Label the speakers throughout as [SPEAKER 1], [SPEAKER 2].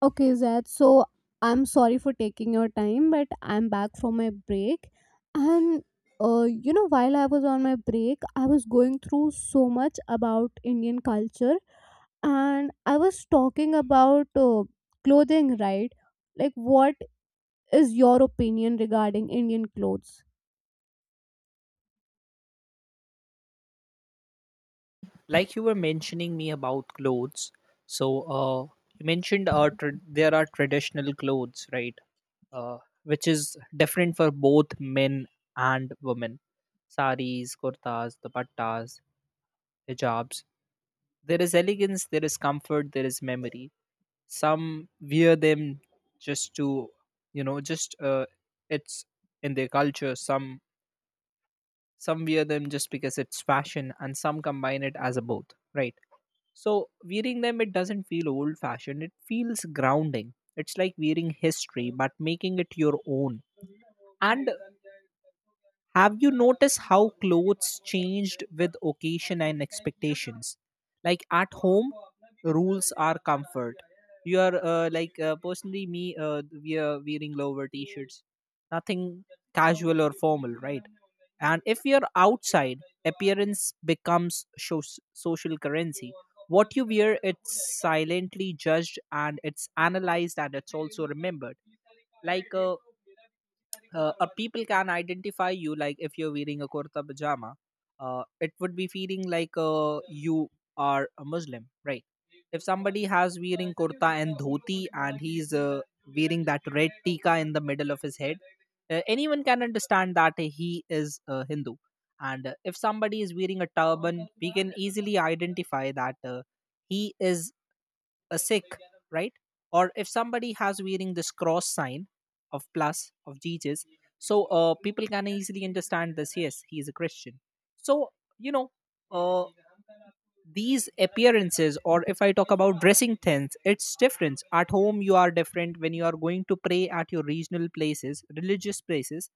[SPEAKER 1] Okay, Zed. So I'm sorry for taking your time, but I'm back from my break. And while I was on my break, I was going through so much about Indian culture. And I was talking about clothing, right? Like, what is your opinion regarding Indian clothes?
[SPEAKER 2] Like you were mentioning me about clothes. So you mentioned there are traditional clothes, right? Uh, which is different for both men and women. Saris, kurtas, dupattas, hijabs. There is elegance, there is comfort, there is memory. Some wear them just to, you know just it's in their culture. Some wear them just because it's fashion, and some combine it as a both, right? So wearing them, it doesn't feel old fashioned. It feels grounding. It's like wearing history, but making it your own. And have you noticed how clothes changed with occasion and expectations? Like at home, rules are comfort. You are personally me. We are wearing lower t-shirts, nothing casual or formal, right? And if you're outside, appearance becomes social currency. What you wear, it's silently judged, and it's analyzed, and it's also remembered. Like uh, People can identify you, like if you're wearing a kurta pajama, it would be feeling like you are a muslim, right? If somebody has wearing kurta and dhoti and he's wearing that red tikka in the middle of his head, anyone can understand that he is a hindu. And if somebody is wearing a turban, we can easily identify that he is a sick, right? Or if somebody has wearing this cross sign of plus of Jesus, so people can easily understand this. Yes, he is a Christian. So you know, uh, these appearances, or if I talk about dressing things, it's different. At home, you are different. When you are going to pray at your regional places, religious places,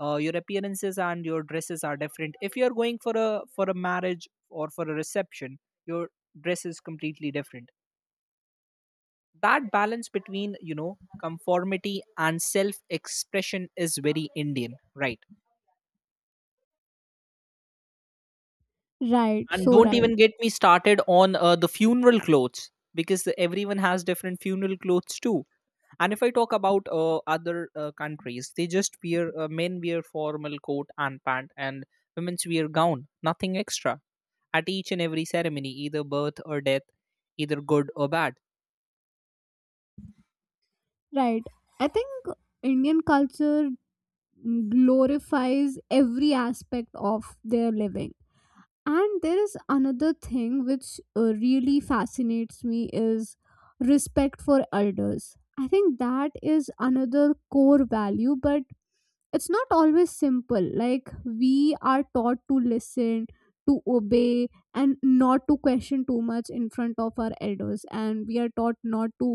[SPEAKER 2] your appearances and your dresses are different. If you are going for a marriage or for a reception, your dress is completely different. That balance between, you know, conformity and self expression is very indian, right?
[SPEAKER 1] Right,
[SPEAKER 2] And
[SPEAKER 1] so
[SPEAKER 2] don't
[SPEAKER 1] right,
[SPEAKER 2] even get me started on the funeral clothes, because the, everyone has different funeral clothes too. And if I talk about other countries, they just wear, men wear formal coat and pant, and women's wear gown, nothing extra, at each and every ceremony, either birth or death, either good or bad.
[SPEAKER 1] right. I think Indian culture glorifies every aspect of their living. And there is another thing which really fascinates me is respect for elders. I think that is another core value, but it's not always simple. Like, we are taught to listen, to obey, and not to question too much in front of our elders, and we are taught not to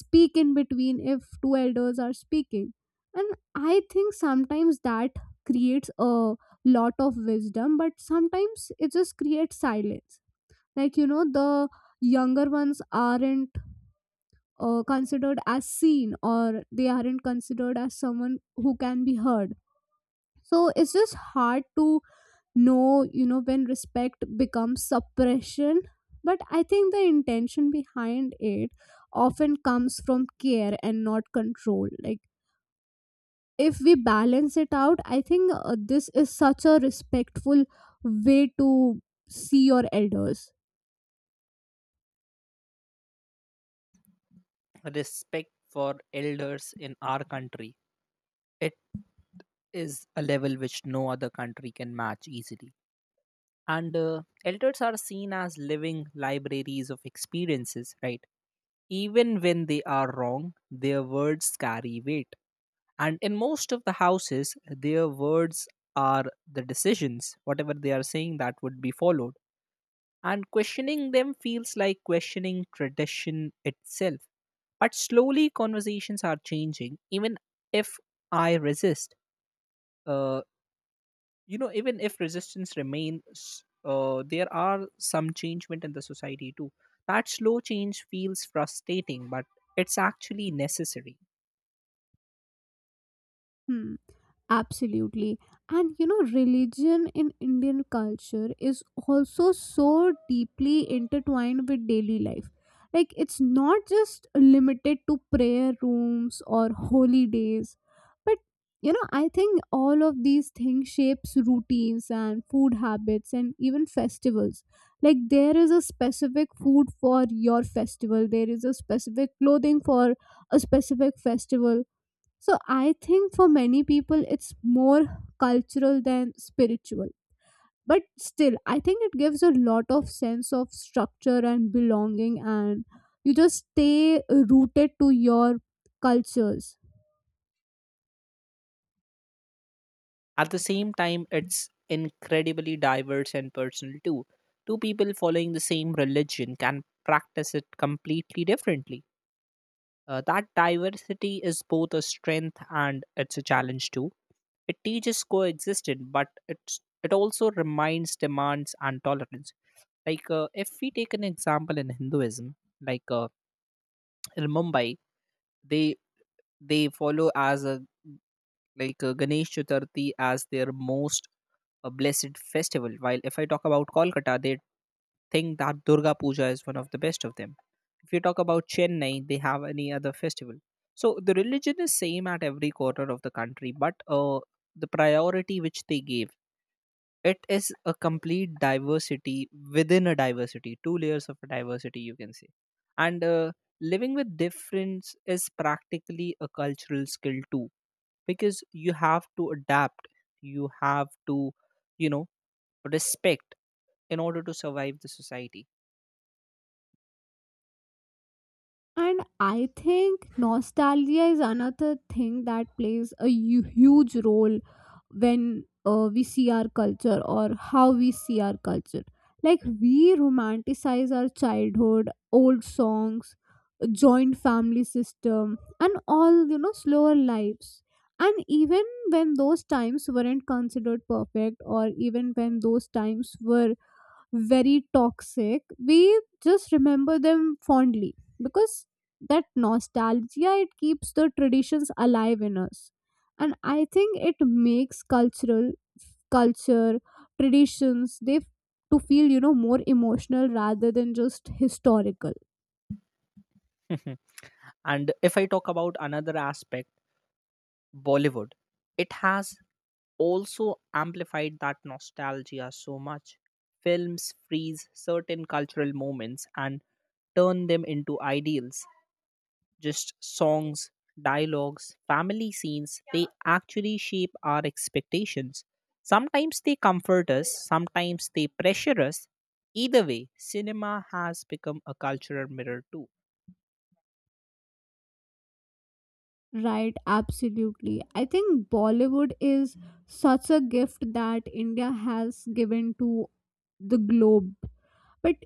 [SPEAKER 1] speak in between if two elders are speaking. And I think sometimes that creates a lot of wisdom, but sometimes it just creates silence. Like, you know, the younger ones aren't, considered as seen, or they aren't considered as someone who can be heard. So it's just hard to know, you know, when respect becomes suppression. But I think the intention behind it often comes from care and not control. Like, if we balance it out, I think this is such a respectful way to see your elders.
[SPEAKER 2] Respect for elders in our country is a level which no other country can match easily. And elders are seen as living libraries of experiences, right? Even when they are wrong, their words carry weight. And in most of the houses, their words are the decisions, whatever they are saying, that would be followed. And questioning them feels like questioning tradition itself. But slowly, conversations are changing, even if I resist. Uh, you know, even if resistance remains, there are some changement in the society too. That slow change feels frustrating, but it's actually necessary.
[SPEAKER 1] Hmm, absolutely. And you know, religion in Indian culture is also so deeply intertwined with daily life. Like, it's not just limited to prayer rooms or holy days. But you know, I think all of these things shapes routines and food habits and even festivals. Like, there is a specific food for your festival, there is a specific clothing for a specific festival. So I think for many people it's more cultural than spiritual. But still, I think it gives a lot of sense of structure and belonging, and you just stay rooted to your cultures.
[SPEAKER 2] At the same time, it's incredibly diverse and personal too. Two people following the same religion can practice it completely differently. That diversity is both a strength, and it's a challenge too. It teaches coexistence, but it also reminds demands and tolerance. Like if we take an example in Hinduism, in Mumbai, they they follow as a, Ganesh Chaturthi as their most blessed festival. While if I talk about Kolkata, they think that Durga Puja is one of the best of them. If you talk about Chennai, they have any other festival. So the religion is same at every corner of the country, but the priority which they gave, it is a complete diversity within a diversity, two layers of a diversity you can say, and living with difference is practically a cultural skill too, because you have to adapt, you have to, you know, respect in order to survive the society.
[SPEAKER 1] And I think nostalgia is another thing that plays a huge role when we see our culture, or how we see our culture. Like, we romanticize our childhood, old songs, joint family system, and all, you know, slower lives. And even when those times weren't considered perfect, or even when those times were very toxic, we just remember them fondly, because that nostalgia, it keeps the traditions alive in us. And I think it makes cultural culture traditions, they to feel, you know, more emotional rather than just historical.
[SPEAKER 2] And if I talk about another aspect, bollywood, it has also amplified that nostalgia so much. Films freeze certain cultural moments and turn them into ideals. Just songs, dialogues, family scenes, they actually shape our expectations. Sometimes they comfort us, sometimes they pressure us. Either way, cinema has become a cultural mirror too.
[SPEAKER 1] Right, absolutely. I think Bollywood is such a gift that India has given to the globe. But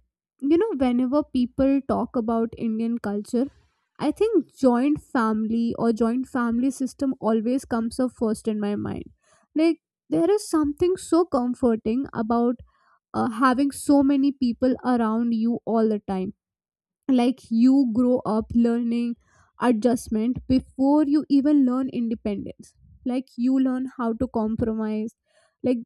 [SPEAKER 1] you know, whenever people talk about Indian culture, I think joint family or joint family system always comes up first in my mind. Like, there is something so comforting about having so many people around you all the time. Like, you grow up learning adjustment before you even learn independence. Like, you learn how to compromise. Like,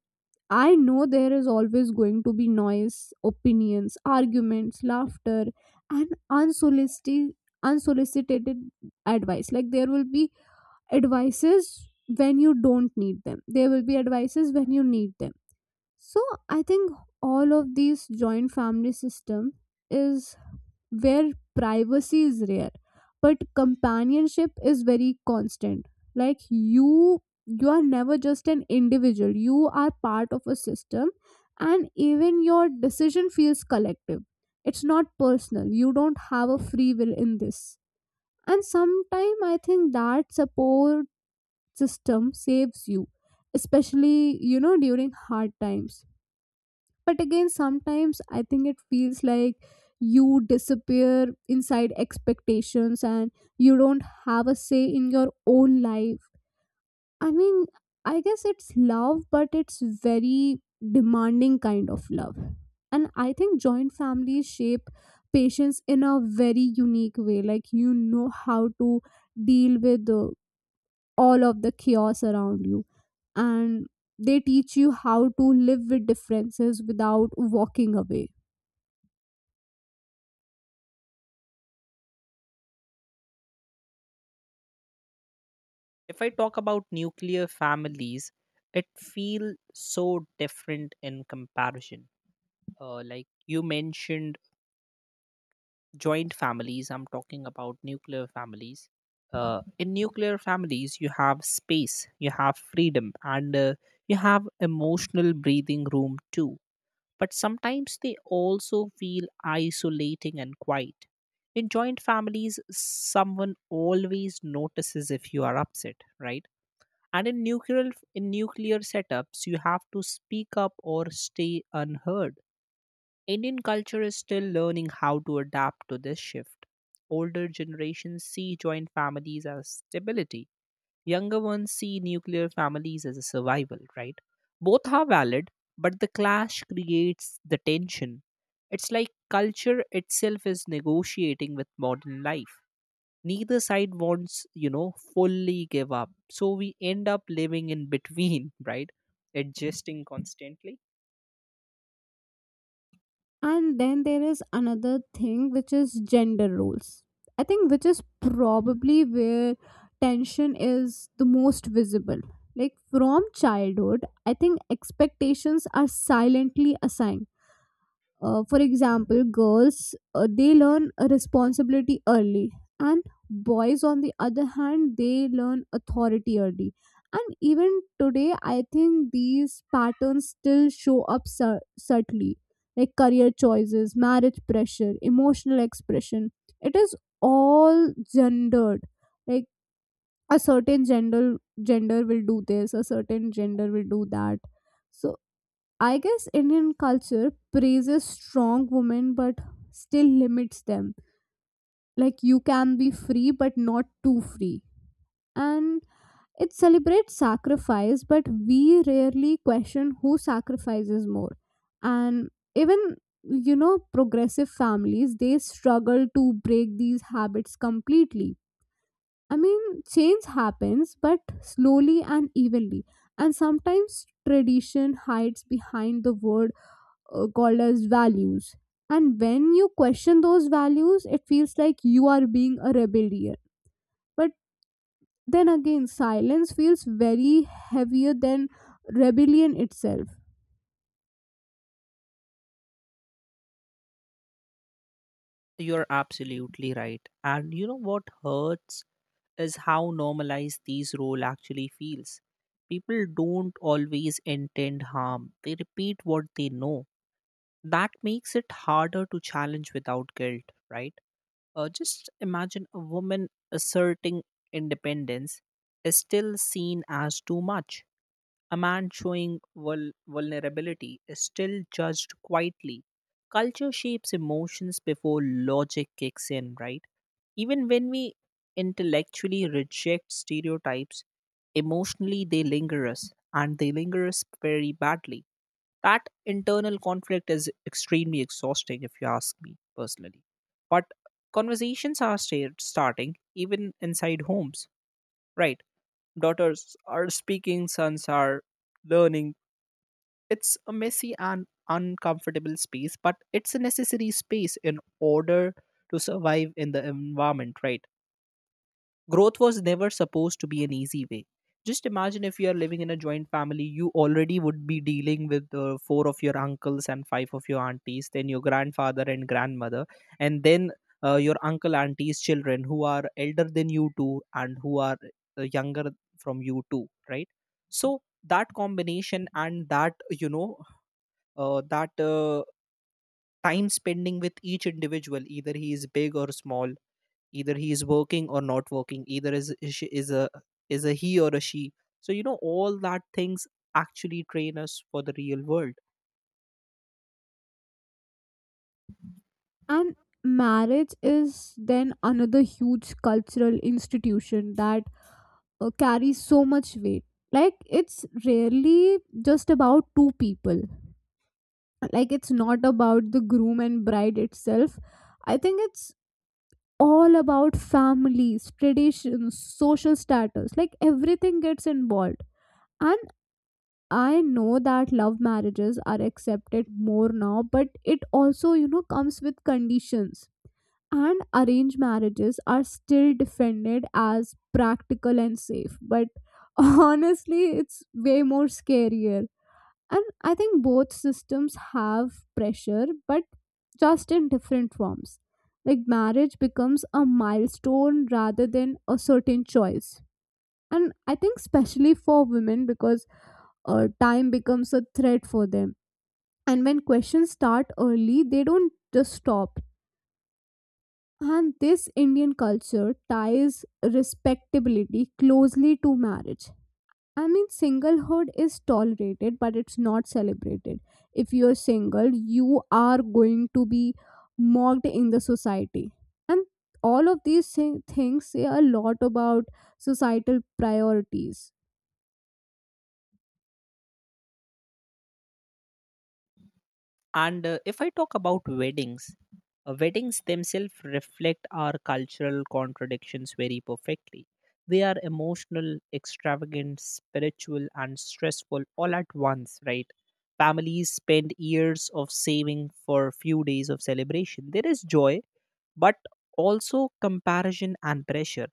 [SPEAKER 1] I know there is always going to be noise, opinions, arguments, laughter, and unsolicited advice. Like, there will be advices when you don't need them, there will be advices when you need them. So I think all of these joint family system is where privacy is rare, but companionship is very constant. Like you are never just an individual. You are part of a system, and even your decision feels collective. It's not personal. You don't have a free will in this. And sometime I think that support system saves you, especially, you know, during hard times. But again, sometimes I think it feels like you disappear inside expectations, and you don't have a say in your own life. I mean, I guess it's love, but it's very demanding kind of love. And I think joint families shape patients in a very unique way. Like, you know how to deal with all of the chaos around you, and they teach you how to live with differences without walking away.
[SPEAKER 2] If I talk about nuclear families, it feels so different in comparison. Like you mentioned joint families, I'm talking about nuclear families. In nuclear families you have space, you have freedom, and you have emotional breathing room too, but sometimes they also feel isolating and quiet. In joint families someone always notices if you are upset, right? And in nuclear setups you have to speak up or stay unheard. Indian culture is still learning how to adapt to this shift. Older generations see joint families as stability, younger ones see nuclear families as a survival, right? Both are valid, but the clash creates the tension. It's like culture itself is negotiating with modern life. Neither side wants, you know, fully give up. So we end up living in between, right? Adjusting constantly.
[SPEAKER 1] And then there is another thing, which is gender roles. I think which is probably where tension is the most visible. Like, from childhood, I think expectations are silently assigned. For example, girls, they learn a responsibility early, and boys, on the other hand, they learn authority early. And even today, I think these patterns still show up subtly. Like, career choices, marriage pressure, emotional expression, it is all gendered. Like, a certain gender will do this, a certain gender will do that. So I guess Indian culture praises strong women, but still limits them. Like, you can be free, but not too free. And it celebrates sacrifice, but we rarely question who sacrifices more. And even, you know, progressive families, they struggle to break these habits completely. I mean, change happens, but slowly and evenly. And sometimes tradition hides behind the word called as values. And when you question those values, it feels like you are being a rebellion. But then again, silence feels very heavier than rebellion itself.
[SPEAKER 2] You're absolutely right. And you know what hurts is how normalized these role actually feels. People don't always intend harm. They repeat what they know. That makes it harder to challenge without guilt, right? Just imagine a woman asserting independence is still seen as too much. A man showing vulnerability is still judged quietly. Culture shapes emotions before logic kicks in, right? Even when we intellectually reject stereotypes, emotionally they linger us, and they linger us very badly. That internal conflict is extremely exhausting, if you ask me personally. But conversations are starting even inside homes, right? Daughters are speaking, sons are learning. It's a messy and uncomfortable space, but it's a necessary space in order to survive in the environment, right? Growth was never supposed to be an easy way. Just imagine if you are living in a joint family, you already would be dealing with four of your uncles and five of your aunties, then your grandfather and grandmother, and then your uncle auntie's children who are elder than you too, and who are younger from you too, right? So that combination, and that, you know, that time spending with each individual, either he is big or small, either he is working or not working, either is is is a is a he or a she, so you know all that things actually train us for the real world.
[SPEAKER 1] And marriage is then another huge cultural institution that carries so much weight. Like, it's rarely just about two people. Like, it's not about the groom and bride itself. I think it's all about families, traditions, social status, like everything gets involved. And I know that love marriages are accepted more now, but it also, you know, comes with conditions. And arranged marriages are still defended as practical and safe, but honestly, it's way more scarier. And I think both systems have pressure, but just in different forms. Like, marriage becomes a milestone rather than a certain choice. And I think especially for women, because time becomes a threat for them. And when questions start early, they don't just stop. And this Indian culture ties respectability closely to marriage. I mean, singlehood is tolerated, but it's not celebrated. If you're single, you are going to be mocked in the society. And all of these things say a lot about societal priorities.
[SPEAKER 2] And if I talk about weddings, weddings themselves reflect our cultural contradictions very perfectly. They are emotional, extravagant, spiritual, and stressful all at once, right? Families spend years of saving for a few days of celebration. There is joy, but also comparison and pressure.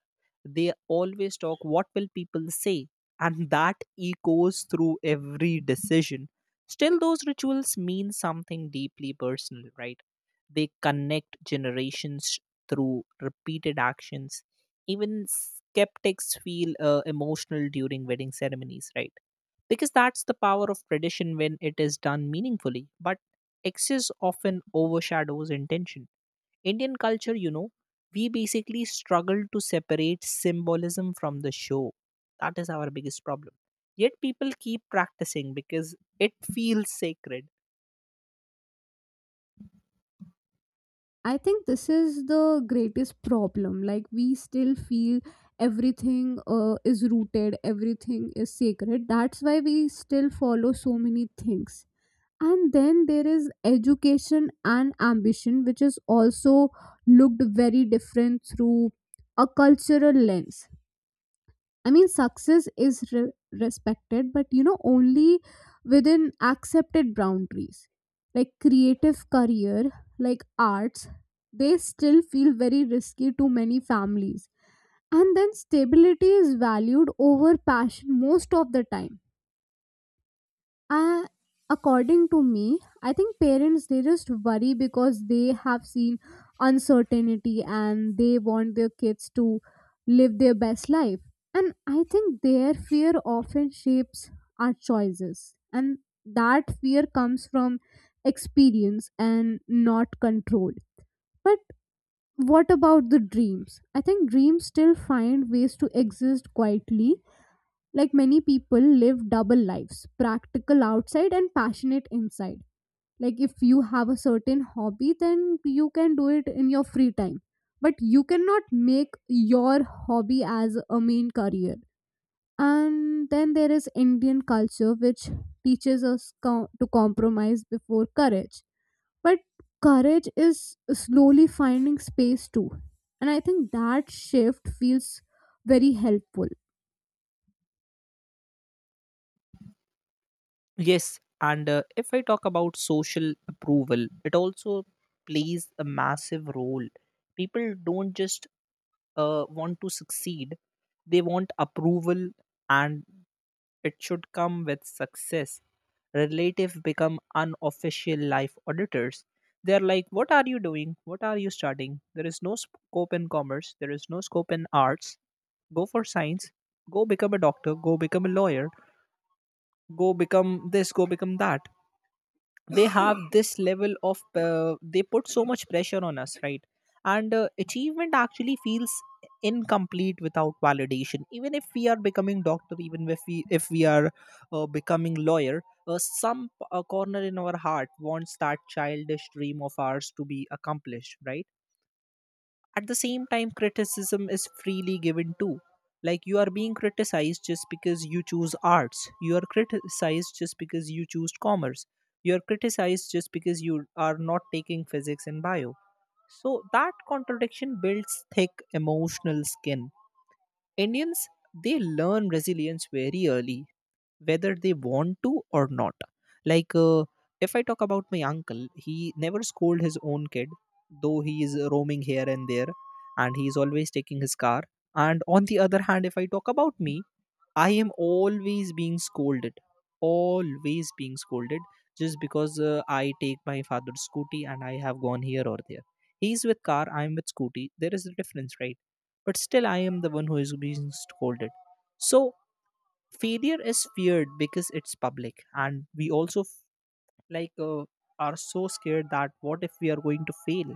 [SPEAKER 2] They always talk, what will people say? And that echoes through every decision. Still, those rituals mean something deeply personal, right? They connect generations through repeated actions. Even skeptics feel emotional during wedding ceremonies, right? Because that's the power of tradition when it is done meaningfully, but excess often overshadows intention. Indian culture, you know, we basically struggle to separate symbolism from the show. That is our biggest problem. Yet people keep practicing because it feels sacred.
[SPEAKER 1] I think this is the greatest problem. Like, we still feel everything is rooted, everything is sacred. That's why we still follow so many things. And then there is education and ambition, which is also looked very different through a cultural lens. I mean, success is respected, but you know, only within accepted boundaries. Like, creative career, like arts, they still feel very risky to many families. And then stability is valued over passion most of the time. uh, According to me, I think parents, they just worry because they have seen uncertainty, and they want their kids to live their best life. And I think their fear often shapes our choices, and that fear comes from experience and not control. But what about the dreams? I think dreams still find ways to exist quietly. Like, many people live double lives, practical outside and passionate inside. Like, if you have a certain hobby, then you can do it in your free time, but you cannot make your hobby as a main career. And then there is Indian culture which teaches us to compromise before courage. But courage is slowly finding space too, and I think that shift feels very helpful.
[SPEAKER 2] Yes, and if I talk about social approval, it also plays a massive role. People don't just want to succeed, they want approval, and it should come with success. Relatives become unofficial life auditors. They're like, what are you doing? What are you studying? There is no scope in commerce, there is no scope in arts. Go for science, go become a doctor, go become a lawyer, go become this, go become that. They have this level of, they put so much pressure on us, right? And achievement actually feels incomplete without validation. Even if we are becoming doctor, even if we are becoming lawyer, some corner in our heart wants that childish dream of ours to be accomplished, right? At the same time, criticism is freely given too. Like you are being criticized just because you choose arts, you are criticized just because you choose commerce, you are criticized just because you are not taking physics and bio. So that contradiction builds thick emotional skin. Indians, they learn resilience very early, whether they want to or not. Like, if I talk about my uncle, he never scolded his own kid, though he is roaming here and there, and he is always taking his car. And on the other hand, if I talk about me, I am always being scolded just because I take my father's scooty, and I have gone here or there. He's with car, I'm with scooty. There is a difference, right? But still, I am the one who is being scolded. So failure is feared because it's public, and we also like uh, are so scared that, what if we are going to fail?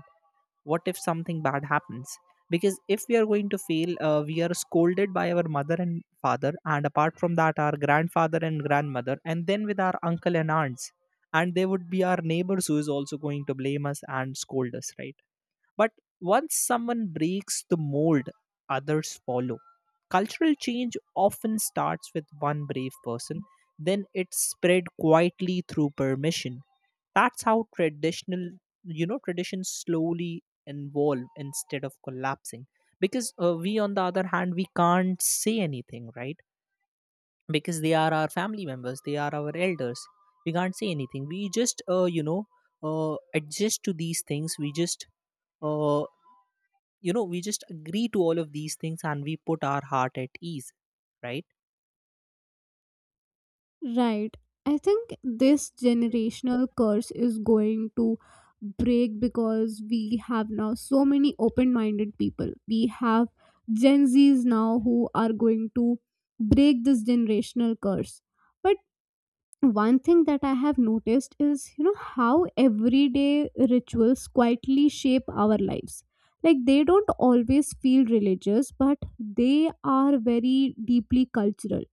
[SPEAKER 2] What if something bad happens? Because if we are going to fail, we are scolded by our mother and father, and apart from that our grandfather and grandmother, and then with our uncle and aunts. And they would be our neighbors who is also going to blame us and scold us, right? But once someone breaks the mold, others follow. Cultural change often starts with one brave person, then it spread quietly through permission. That's how traditions slowly evolve instead of collapsing. Because we, on the other hand, we can't say anything, right? Because they are our family members, they are our elders. We can't say anything. We just adjust to these things. We just, uh, you know, we just agree to all of these things and we put our heart at ease, right?
[SPEAKER 1] Right. I think this generational curse is going to break, because we have now so many open minded people. We have Gen Zs now who are going to break this generational curse. But one thing that I have noticed is, you know, how everyday rituals quietly shape our lives. Like, they don't always feel religious, but they are very deeply cultural.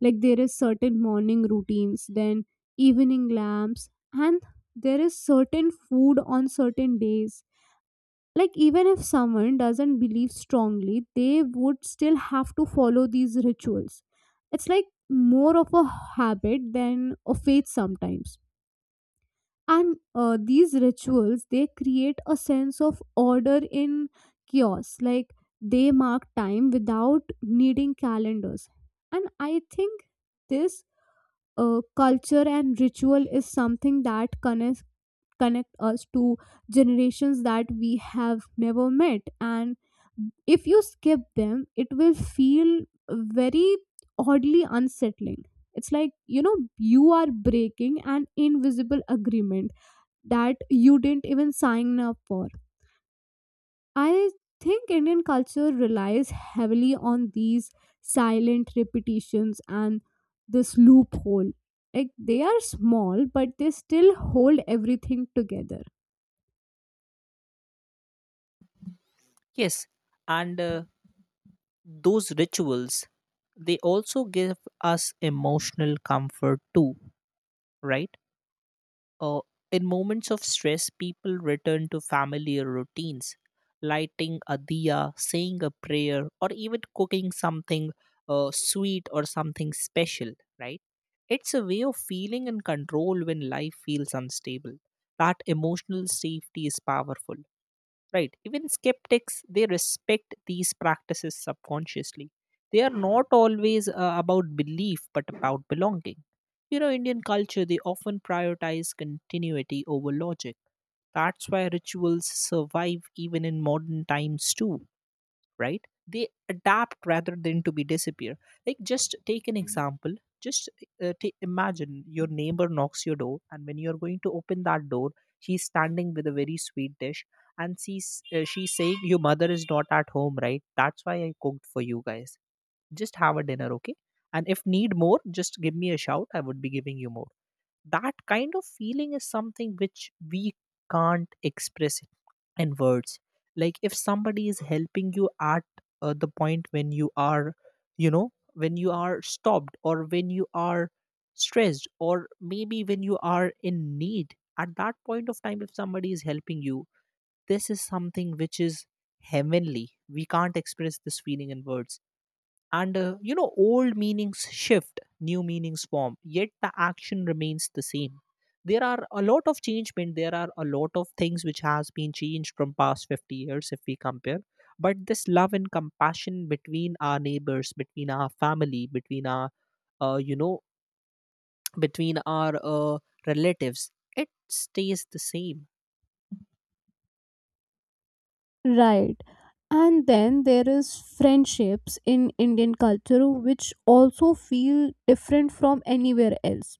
[SPEAKER 1] Like, there is certain morning routines, then evening lamps, and there is certain food on certain days. Like, even if someone doesn't believe strongly, they would still have to follow these rituals. It's like more of a habit than a faith sometimes. And these rituals, they create a sense of order in chaos. Like, they mark time without needing calendars. And I think this culture and ritual is something that connects connect us to generations that we have never met. And if you skip them, it will feel very oddly unsettling. It's like, you know, you are breaking an invisible agreement that you didn't even sign up for. I think Indian culture relies heavily on these silent repetitions and this loophole. Like, they are small but they still hold everything together.
[SPEAKER 2] Yes. And those rituals, they also give us emotional comfort too, right? Uh, in moments of stress, people return to familiar routines, lighting a diya, saying a prayer, or even cooking something sweet or something special, right? It's a way of feeling in control when life feels unstable. That emotional safety is powerful, right? Even skeptics, they respect these practices subconsciously. They are not always about belief but about belonging. You know, Indian culture, they often prioritize continuity over logic. That's why rituals survive even in modern times too, right? They adapt rather than to be disappear. Like just take an example. just Imagine your neighbor knocks your door, and when you're going to open that door, she's standing with a very sweet dish, and she's saying your mother is not at home, right? That's why I cooked for you guys. Just have a dinner, okay? And if need more, just give me a shout, I would be giving you more. That kind of feeling is something which we can't express in words. Like if somebody is helping you at the point when you are, you know, when you are stopped, or when you are stressed, or maybe when you are in need, at that point of time if somebody is helping you, this is something which is heavenly. We can't express this feeling in words. And you know, old meanings shift, new meanings form, yet the action remains the same. There are a lot of changement, there are a lot of things which has been changed from past 50 years if we compare. But this love and compassion between our neighbors, between our family, between our, uh, you know uh, relatives, it stays the same.
[SPEAKER 1] Right. And then there is friendships in Indian culture which also feel different from anywhere else.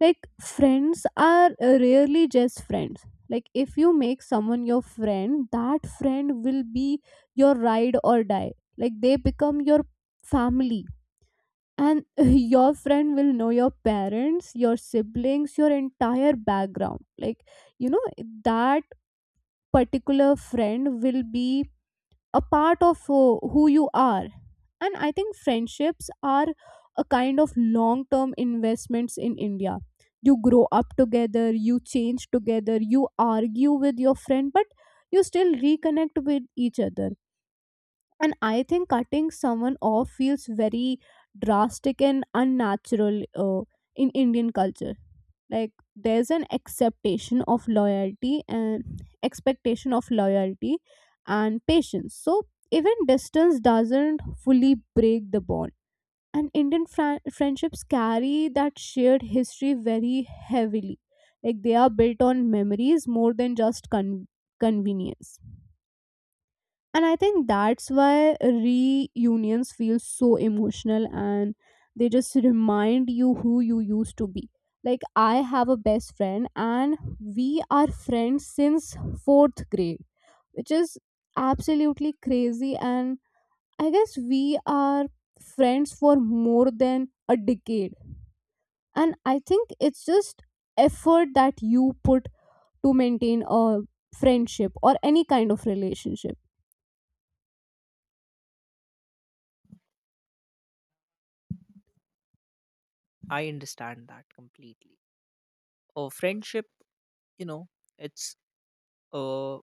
[SPEAKER 1] Like, friends are rarely just friends. Like, if you make someone your friend, that friend will be your ride or die. Like, they become your family. And your friend will know your parents, your siblings, your entire background. Like, you know, that particular friend will be a part of who you are. And I think friendships are a kind of long term investments in India. You grow up together, you change together, you argue with your friend, but you still reconnect with each other. And I think cutting someone off feels very drastic and unnatural, uh, in Indian culture. Like, there's an acceptation of loyalty and expectation of loyalty and patience. So even distance doesn't fully break the bond. And Indian friendships carry that shared history very heavily. Like, they are built on memories more than just convenience. And I think that's why reunions feel so emotional, and they just remind you who you used to be. Like, I have a best friend, and we are friends since fourth grade, which is absolutely crazy. And I guess we are friends for more than a decade. And I think it's just effort that you put to maintain a friendship or any kind of relationship.
[SPEAKER 2] I understand that completely. Friendship, you know, it's, uh,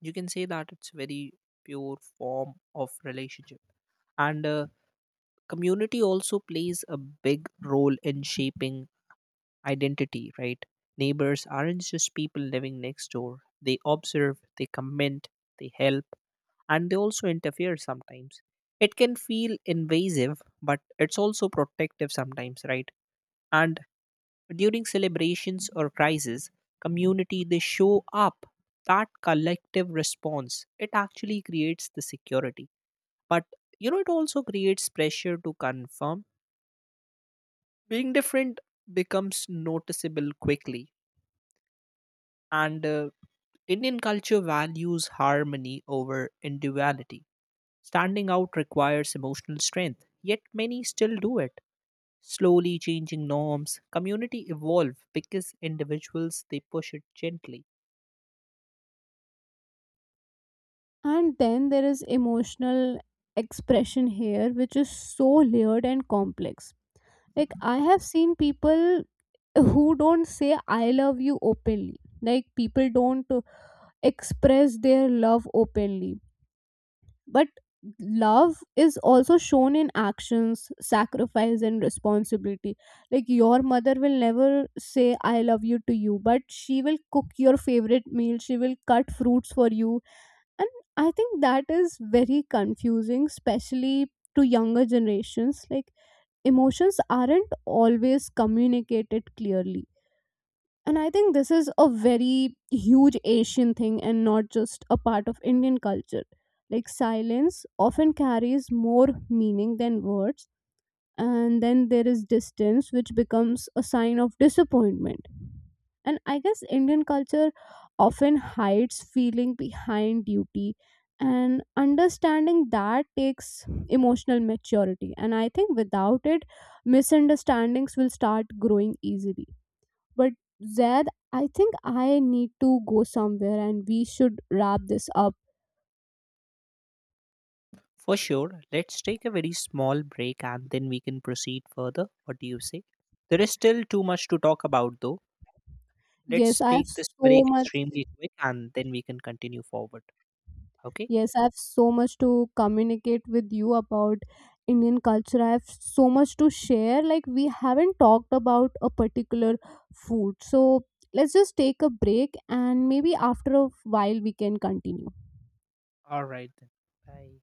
[SPEAKER 2] you can say that it's very pure form of relationship. And community also plays a big role in shaping identity, right? Neighbors aren't just people living next door. They observe, they comment, they help, and they also interfere sometimes. It can feel invasive, but it's also protective sometimes, right? And during celebrations or crises, community, they show up. That collective response, it actually creates the security. But, you know, it also creates pressure to confirm. Being different becomes noticeable quickly. And Indian culture values harmony over individuality. Standing out requires emotional strength, yet many still do it. Slowly changing norms, community evolve because individuals, they push it gently.
[SPEAKER 1] And then there is emotional expression here, which is so layered and complex. Like, I have seen people who don't say I love you openly. Like, people don't express their love openly. But love is also shown in actions, sacrifice, and responsibility. Like, your mother will never say I love you to you, but she will cook your favorite meal, she will cut fruits for you. And I think that is very confusing, especially to younger generations. Like, emotions aren't always communicated clearly. And I think this is a very huge Asian thing, and not just a part of Indian culture. Like, silence often carries more meaning than words, and then there is distance, which becomes a sign of disappointment. And I guess Indian culture often hides feeling behind duty, and understanding that takes emotional maturity. And I think without it, misunderstandings will start growing easily. But Zaid, I think I need to go somewhere and we should wrap this up.
[SPEAKER 2] For sure, let's take a very small break and then we can proceed further. What do you say? There is still too much to talk about though.
[SPEAKER 1] Yes,
[SPEAKER 2] Let's
[SPEAKER 1] I have
[SPEAKER 2] make this
[SPEAKER 1] so
[SPEAKER 2] break
[SPEAKER 1] much
[SPEAKER 2] extremely quick and then we can continue forward, okay?
[SPEAKER 1] yes, I have so much to communicate with you about Indian culture. I have so much to share. Like, we haven't talked about a particular food. So let's just take a break and maybe after a while we can continue.
[SPEAKER 2] All right then. Bye.